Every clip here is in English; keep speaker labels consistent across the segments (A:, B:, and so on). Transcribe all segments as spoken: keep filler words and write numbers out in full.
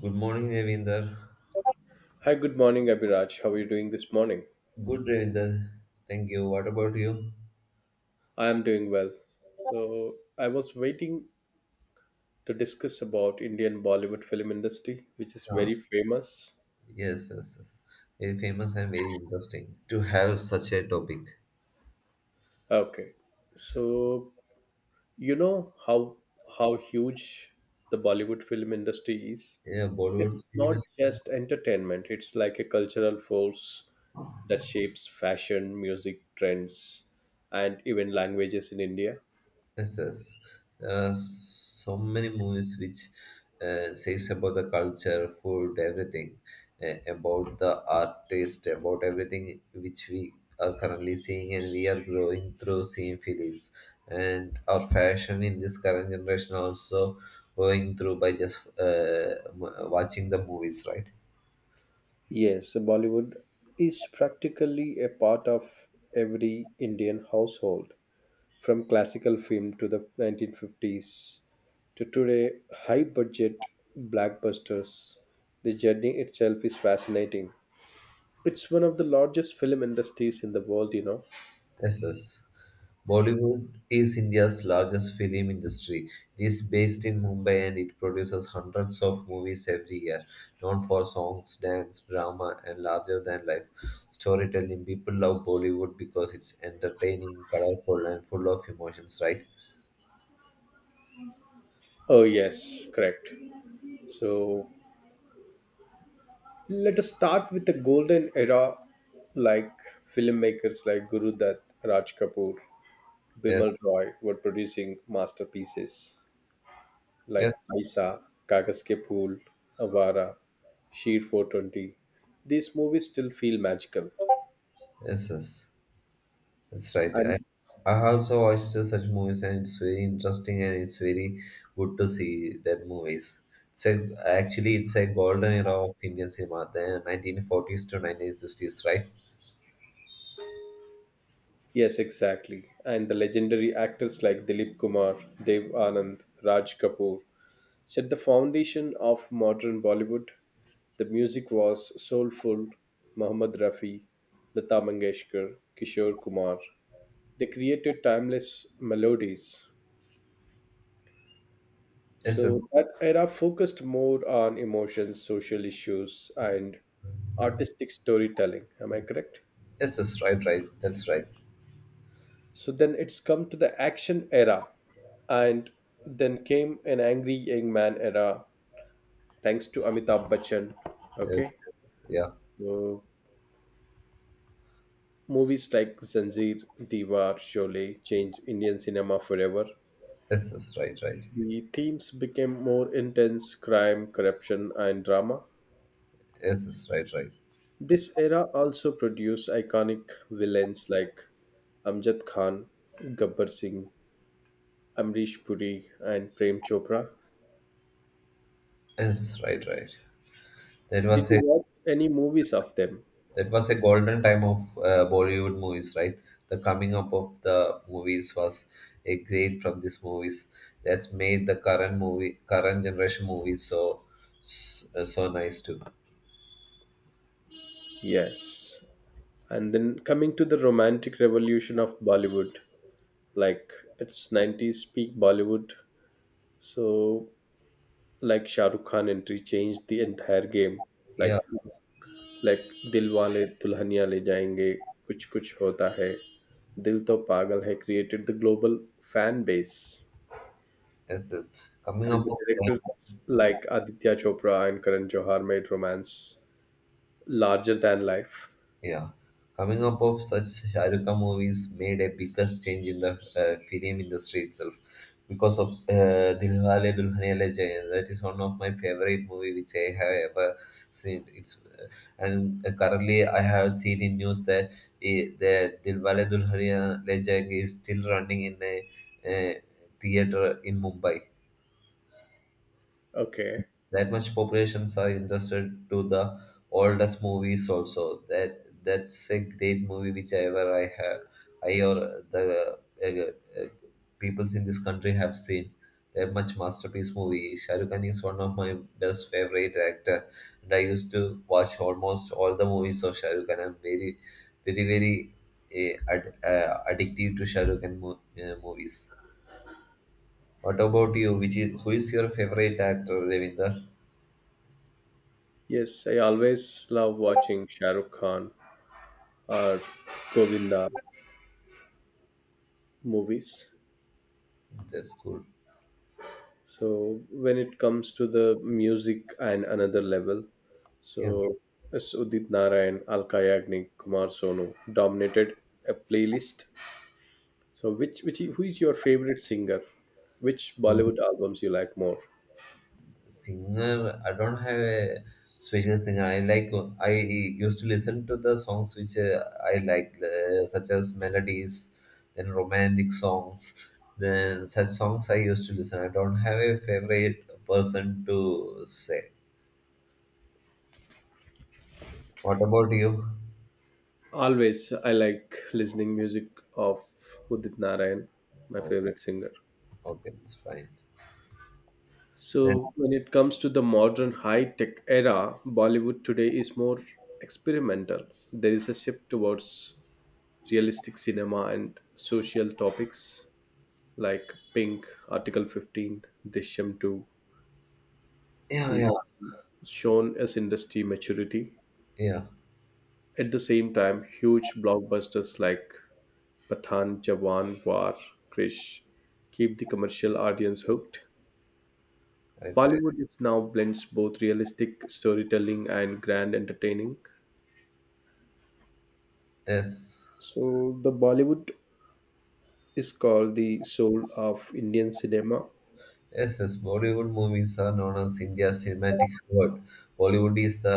A: Good morning, Ravinder.
B: Hi, good morning, Abhiraj. How are you doing this morning?
A: Good, Ravinder. Thank you. What about you?
B: I am doing well. So, I was waiting to discuss about Indian Bollywood film industry, which is
A: Yeah.
B: very famous.
A: Yes, yes, yes. Very famous and very interesting to have such a topic.
B: Okay. So, you know how how huge the Bollywood film industry is?
A: Yeah, Bollywood
B: It's
A: film
B: not
A: industry.
B: just entertainment, it's like a cultural force that shapes fashion, music, trends, and even languages in India.
A: Yes, yes. There are so many movies which uh, says about the culture, food, everything, uh, about the art taste, about everything which we are currently seeing and we are growing through seeing films. And our fashion in this current generation also going through by just uh, m- watching the movies, right?
B: Yes, Bollywood is practically a part of every Indian household, from classical film to the nineteen fifties to today high budget blockbusters. The journey itself is fascinating. It's one of the largest film industries in the world, you know.
A: Yes, yes. Bollywood is India's largest film industry. It is based in Mumbai and it produces hundreds of movies every year, known for songs, dance, drama, and larger than life storytelling. People love Bollywood because it's entertaining, colorful, and full of emotions, right?
B: Oh, yes, correct. So let us start with the golden era, like filmmakers like Guru Dutt, Raj Kapoor.
A: Yes,
B: Bimal Roy were producing masterpieces like
A: yes,
B: Aisa, Kagas Ke Phool, Avara, Sheer four twenty. These movies still feel magical.
A: yes, yes. That's right.
B: And
A: I, I have also watched such movies, and it's very interesting and it's very good to see that movies. So actually, it's a golden era of Indian cinema, the nineteen forties to nineteen sixties, right?
B: yes, exactly. And the legendary actors like Dilip Kumar, Dev Anand, Raj Kapoor set the foundation of modern Bollywood. The music was soulful. Mohammed Rafi, Lata Mangeshkar, Kishore Kumar. They created timeless melodies.
A: Yes, yes,
B: So that era focused more on emotions, social issues, and artistic storytelling. Am I correct?
A: yes, yes, right, right. That's right.
B: So then it's come to the action era, and then came an angry young man era, thanks to Amitabh Bachchan. Okay,
A: Yes, yeah.
B: so movies like Zanjeer, Diwar, Sholay changed Indian cinema forever.
A: Yes, yes, right, right.
B: The themes became more intense: crime, corruption, and drama.
A: Yes, yes, right, right.
B: This era also produced iconic villains like Amjad Khan, Gabbar Singh, Amrish Puri, and Prem Chopra.
A: Yes, right, right. That
B: Did
A: was
B: you
A: a
B: watch any movies of them?
A: That was a golden time of uh, Bollywood movies, right? The coming up of the movies was a great from these movies that's made the current movie, current generation movies so so, so nice too.
B: Yes. And then coming to the romantic revolution of Bollywood, like its nineties peak Bollywood. So, like Shah Rukh Khan entry changed the entire game.
A: Yeah,
B: Like like Dilwale Dulhania Le Jayenge कुछ कुछ होता है दिल तो पागल है created the global fan base,
A: yes, yes. Coming
B: and
A: up
B: the
A: of
B: directors like Aditya Chopra and Karan Johar made romance larger than life.
A: Yeah, coming up of such Shah Rukh Khan movies made a biggest change in the uh, film industry itself because of uh, Dilwale Dulhaniya Le Jayenge. That is one of my favorite movie which I have ever seen. It's uh, and uh, Currently I have seen in news that eh, the Dilwale Dulhaniya Le Jayenge is still running in a, uh theater in Mumbai.
B: Okay,
A: That much populations are interested to the oldest movies also. That that's a great movie whichever I have I or the uh, uh, peoples in this country have seen. That much masterpiece movie. Shah Rukh Khan is one of my best favorite actor and I used to watch almost all the movies of Shah Rukh Khan. I'm very very very uh, ad- uh, addictive to Shah Rukh Khan mo- uh, movies. What about you? Which is who is your favorite actor, Ravinder?
B: yes, I always love watching Shahrukh Khan or Govinda movies.
A: That's cool.
B: So when it comes to the music and another level, so
A: Yeah,
B: as Udit Narayan, Alka Yagnik, Kumar Sonu dominated a playlist. So which which who is your favorite singer, which
A: sing-
B: Bollywood albums you like more?
A: Singer. I don't have a special singer I like. I used to listen to the songs which uh, I like, uh, such as melodies, then romantic songs, then such songs I used to listen. I don't have a favorite person to say. What about you?
B: Always I like listening music of Udit Narayan, my
A: Oh,
B: favorite singer.
A: okay, it's fine. Then
B: So, when it comes to the modern high tech era, Bollywood today is more experimental. There is a shift towards realistic cinema and social topics like Pink, Article fifteen, Drishyam two,
A: yeah,
B: and
A: yeah,
B: that shown as industry maturity.
A: yeah.
B: At the same time, huge blockbusters like Pathan, Jawan, War, Krish keep the commercial audience hooked.
A: Right, right.
B: Bollywood is now blends both realistic storytelling and grand entertaining.
A: Yes.
B: So the Bollywood is called the soul of Indian cinema.
A: Yes, yes. Bollywood movies are known as India's cinematic hub. Bollywood is the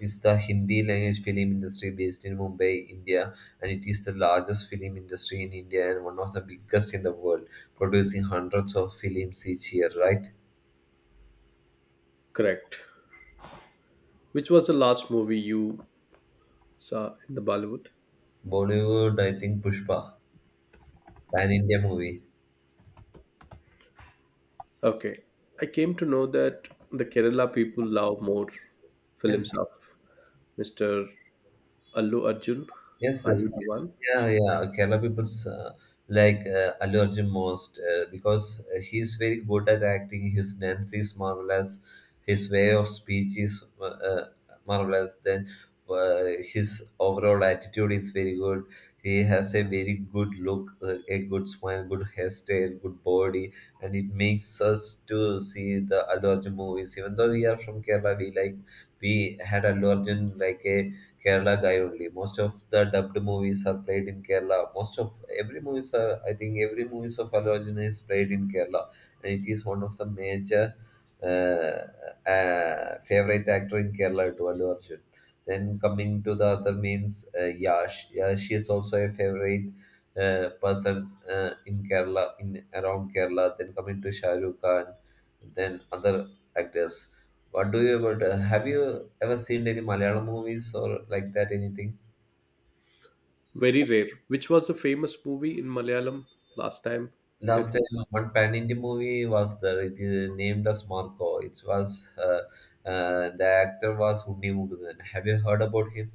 A: is the Hindi language film industry based in Mumbai, India, and it is the largest film industry in India and one of the biggest in the world, producing hundreds of films each year. Right?
B: Correct. Which was the last movie you. So in the Bollywood.
A: Bollywood, I think Pushpa, an India movie.
B: Okay. I came to know that the Kerala people love more
A: Yes.
B: films of Mister Allu Arjun.
A: Yes,
B: Are you
A: yes.
B: the one?
A: Yeah, yeah. Kerala people's uh, like uh, Allu Arjun most uh, because uh, he's very good at acting. His dance is marvelous. His way of speech is uh, uh, marvelous. Then uh, his overall attitude is very good. He has a very good look, uh, a good smile, good hairstyle, good body, and it makes us to see the Allu Arjun movies. Even though we are from Kerala, we like we had Allu Arjun like a Kerala guy only. Most of the dubbed movies are played in Kerala. Most of every movies are, I think, every movies of Allu Arjun is played in Kerala, and it is one of the major uh, uh, favorite actor in Kerala to Allu Arjun. Then coming to the other means uh, Yash. Yash is also a favorite uh, person uh, in Kerala, in around Kerala. Then coming to Shah Rukh Khan, then other actors. What do you about? Uh, have you ever seen any Malayalam movies or like that? Anything?
B: Very rare. Which was a famous movie in Malayalam last time?
A: Last
B: It
A: time,
B: was.
A: one pan Indian movie was the it is named as Marco. It was uh, uh, The actor was Unni Mukundan. Have you heard about him?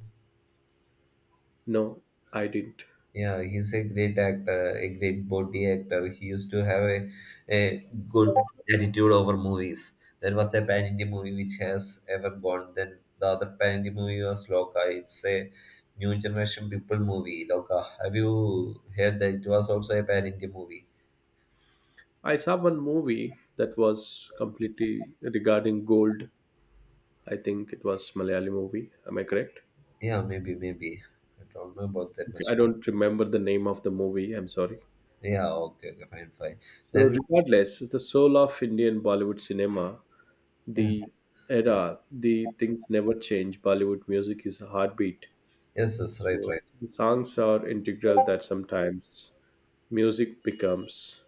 B: No, I didn't.
A: Yeah, he's a great actor, a great body actor. He used to have a, a good attitude over movies. There was a pan India movie which has ever gone. Then the other pan India movie was Loka. It's a new generation people movie. Loka. Have you heard that it was also a pan India movie?
B: I saw one movie that was completely regarding gold. I think it was Malayali movie. Am I correct?
A: Yeah, maybe, maybe. I don't know about that
B: Okay, I
A: much more.
B: don't remember the name of the movie. I'm sorry.
A: Yeah, okay, okay, fine, fine.
B: So,
A: Then
B: regardless, the soul of Indian Bollywood cinema,
A: yes,
B: the era, the things never change. Bollywood music is a heartbeat.
A: yes, yes, right,
B: So
A: right.
B: the songs are integral that sometimes music becomes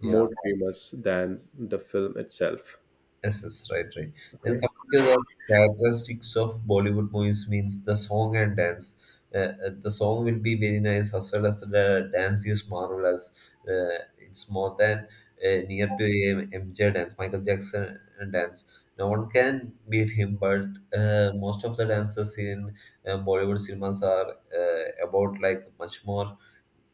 A: Yeah.
B: more famous than the film itself.
A: Yes, yes, right, right. Then
B: Okay.
A: coming to the characteristics of Bollywood movies means the song and dance. Uh, uh, the song will be very nice as well as the dance is marvelous. Uh, it's more than uh, near to a M- MJ dance, Michael Jackson uh, dance. No one can beat him, but uh, most of the dances in uh, Bollywood cinemas are uh, about like much more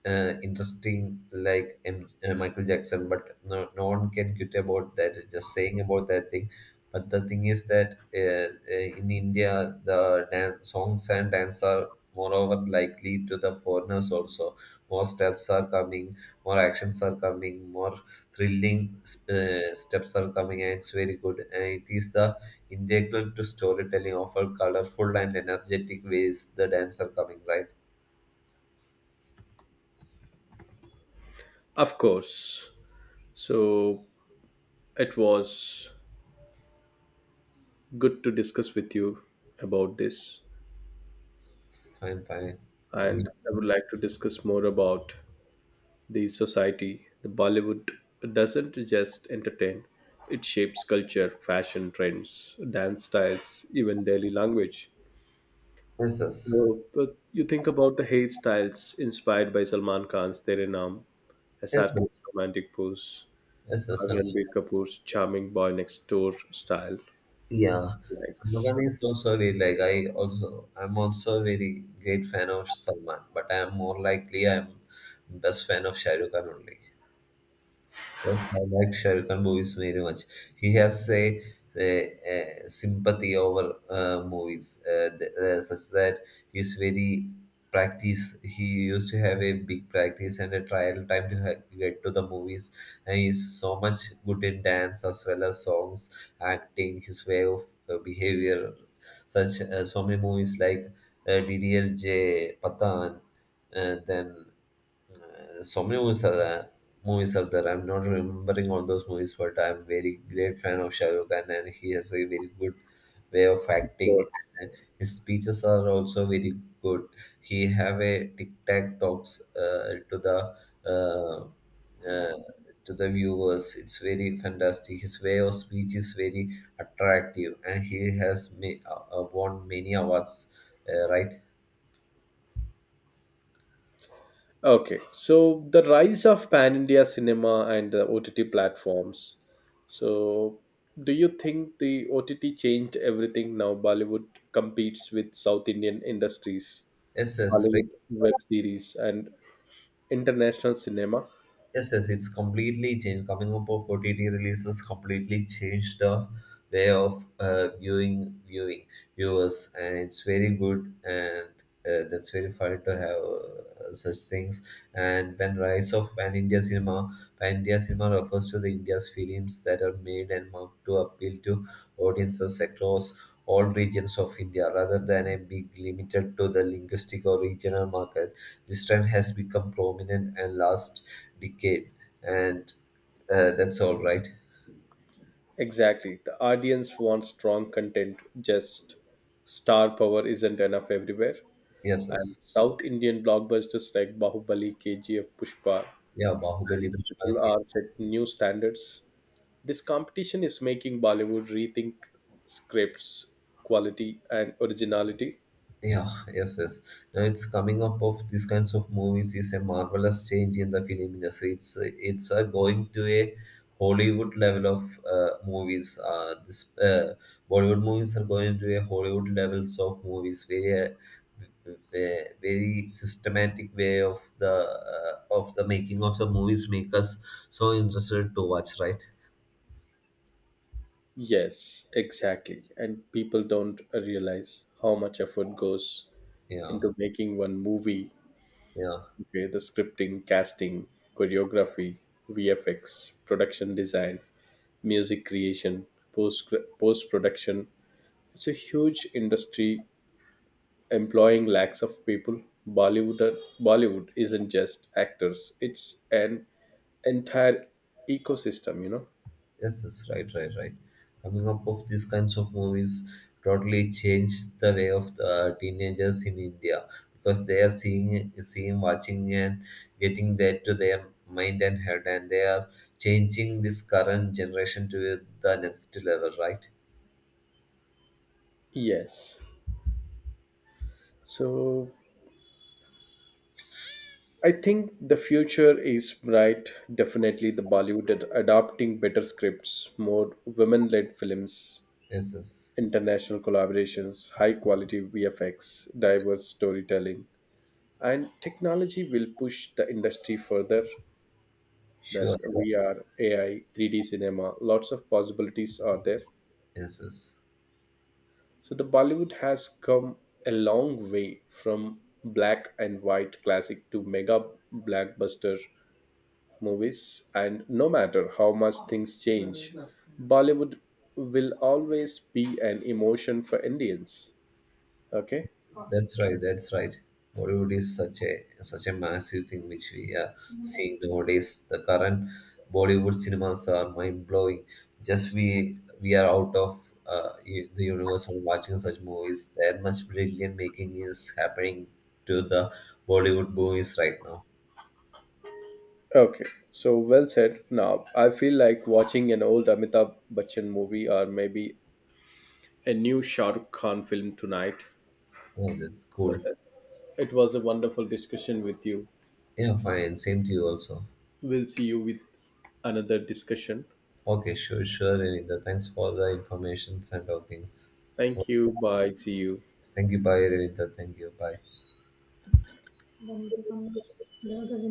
A: uh, interesting like M- uh, Michael Jackson, but no, no one can quit about that. Just saying about that thing. But the thing is that uh, uh, in India, the dance, songs and dance are moreover likely to the foreigners also. More steps are coming, more actions are coming, more thrilling uh, steps are coming, and it's very good. And it is the integral to storytelling, offer colorful and energetic ways the dance are coming. Right?
B: Of course. So it was good to discuss with you about this.
A: Fine, fine. Um,
B: And I would like to discuss more about the society. The Bollywood doesn't just entertain, it shapes culture, fashion trends, dance styles, even daily language.
A: Yes,
B: So, but you think about the hairstyles inspired by Salman Khan's Tere Naam,
A: yes, yes,
B: S R K's
A: sir.
B: romantic pose,
A: Yes, yes,
B: or
A: sir.
B: Ranbir Kapoor's charming boy next door style.
A: Yeah,
B: Like, so,
A: Salman is so solid. Like I also, I'm also very great fan of Salman, but I am more likely I'm best fan of Shah Rukh Khan only. Yes, I like Shah Khan movies very much. He has a, a, a sympathy over uh, movies, uh, th- uh, such that he's very practice. He used to have a big practice and a trial time to ha- get to the movies, and he's so much good in dance as well as songs, acting, his way of uh, behavior. Such uh, so many movies like uh, D D L J, Patan, and then uh, so many movies are there. Movies are there. I'm not remembering all those movies, but I'm very great fan of Shah Rukh Khan, and he has a very good way of acting. And his speeches are also very good. He have a tic tac talks uh, to the uh, uh, to the viewers. It's very fantastic. His way of speech is very attractive, and he has ma- uh, uh, won many awards. Uh, right?
B: okay, so the rise of pan India cinema and the O T T platforms. So, do you think the O T T changed everything now? Bollywood competes with South Indian industries,
A: Yes, yes.
B: Hollywood web series, and international cinema.
A: Yes, yes, it's completely changed. Coming up of O T T releases completely changed the way of uh, viewing viewing viewers, and it's very good and uh, that's very fun to have uh, such things. And when rise of pan India cinema, pan India cinema refers to the India's films that are made and marked to appeal to audiences across all regions of India, rather than a big limited to the linguistic or regional market. This trend has become prominent and last decade, and uh, that's all right.
B: Exactly. The audience wants strong content, just star power isn't enough everywhere.
A: Yes,
B: And
A: yes.
B: South Indian blockbusters like Bahubali, K G F, Pushpa,
A: Yeah, Bahubali,
B: and the
A: Pushpa,
B: Triple R set new standards. This competition is making Bollywood rethink scripts, quality, and originality.
A: yeah, yes, yes. Now it's coming up of these kinds of movies is a marvelous change in the film industry. It's it's uh, going to a Hollywood level of uh, movies. Uh, this uh, Bollywood movies are going to a Hollywood levels of movies, very uh, ve- very systematic way of the uh, of the making of the movies make us so interested to watch, right?
B: Yes, exactly. And people don't realize how much effort goes
A: Yeah,
B: into making one movie.
A: yeah.
B: Okay, the scripting, casting, choreography, V F X, production design, music creation, post post production. It's a huge industry employing lakhs of people. Bollywood Bollywood isn't just actors; it's an entire ecosystem, you know.
A: Yes, yes, right, right, right. Coming up of these kinds of movies totally changed the way of the teenagers in India because they are seeing, seeing, watching, and getting that to their mind and head, and they are changing this current generation to the next level, right?
B: Yes. So I think the future is bright. Definitely, the Bollywood ad- adopting better scripts, more women-led films,
A: Yes, yes,
B: international collaborations, high-quality V F X, diverse storytelling, and technology will push the industry further, that
A: sure.
B: V R, A I, three D cinema, lots of possibilities are there.
A: Yes, yes.
B: So the Bollywood has come a long way from black and white classic to mega blockbuster movies, and no matter how much things change, Bollywood will always be an emotion for Indians. Okay?
A: That's right. That's right. Bollywood is such a such a massive thing which we are seeing nowadays. The current Bollywood cinemas are mind blowing. Just we we are out of uh, u- the universe from watching such movies. That much brilliant making is happening to the Bollywood movies right now.
B: Okay, so well said. Now, I feel like watching an old Amitabh Bachchan movie or maybe a new Shah Rukh Khan film tonight.
A: Oh, that's
B: So
A: cool.
B: it was a wonderful discussion with you.
A: Yeah, fine. Same to you also.
B: We'll see you with another discussion.
A: Okay, sure, sure, Renita. Thanks for the information and all things.
B: Thank you. Bye. See you.
A: Thank you. Bye, Renita. Thank you. Bye.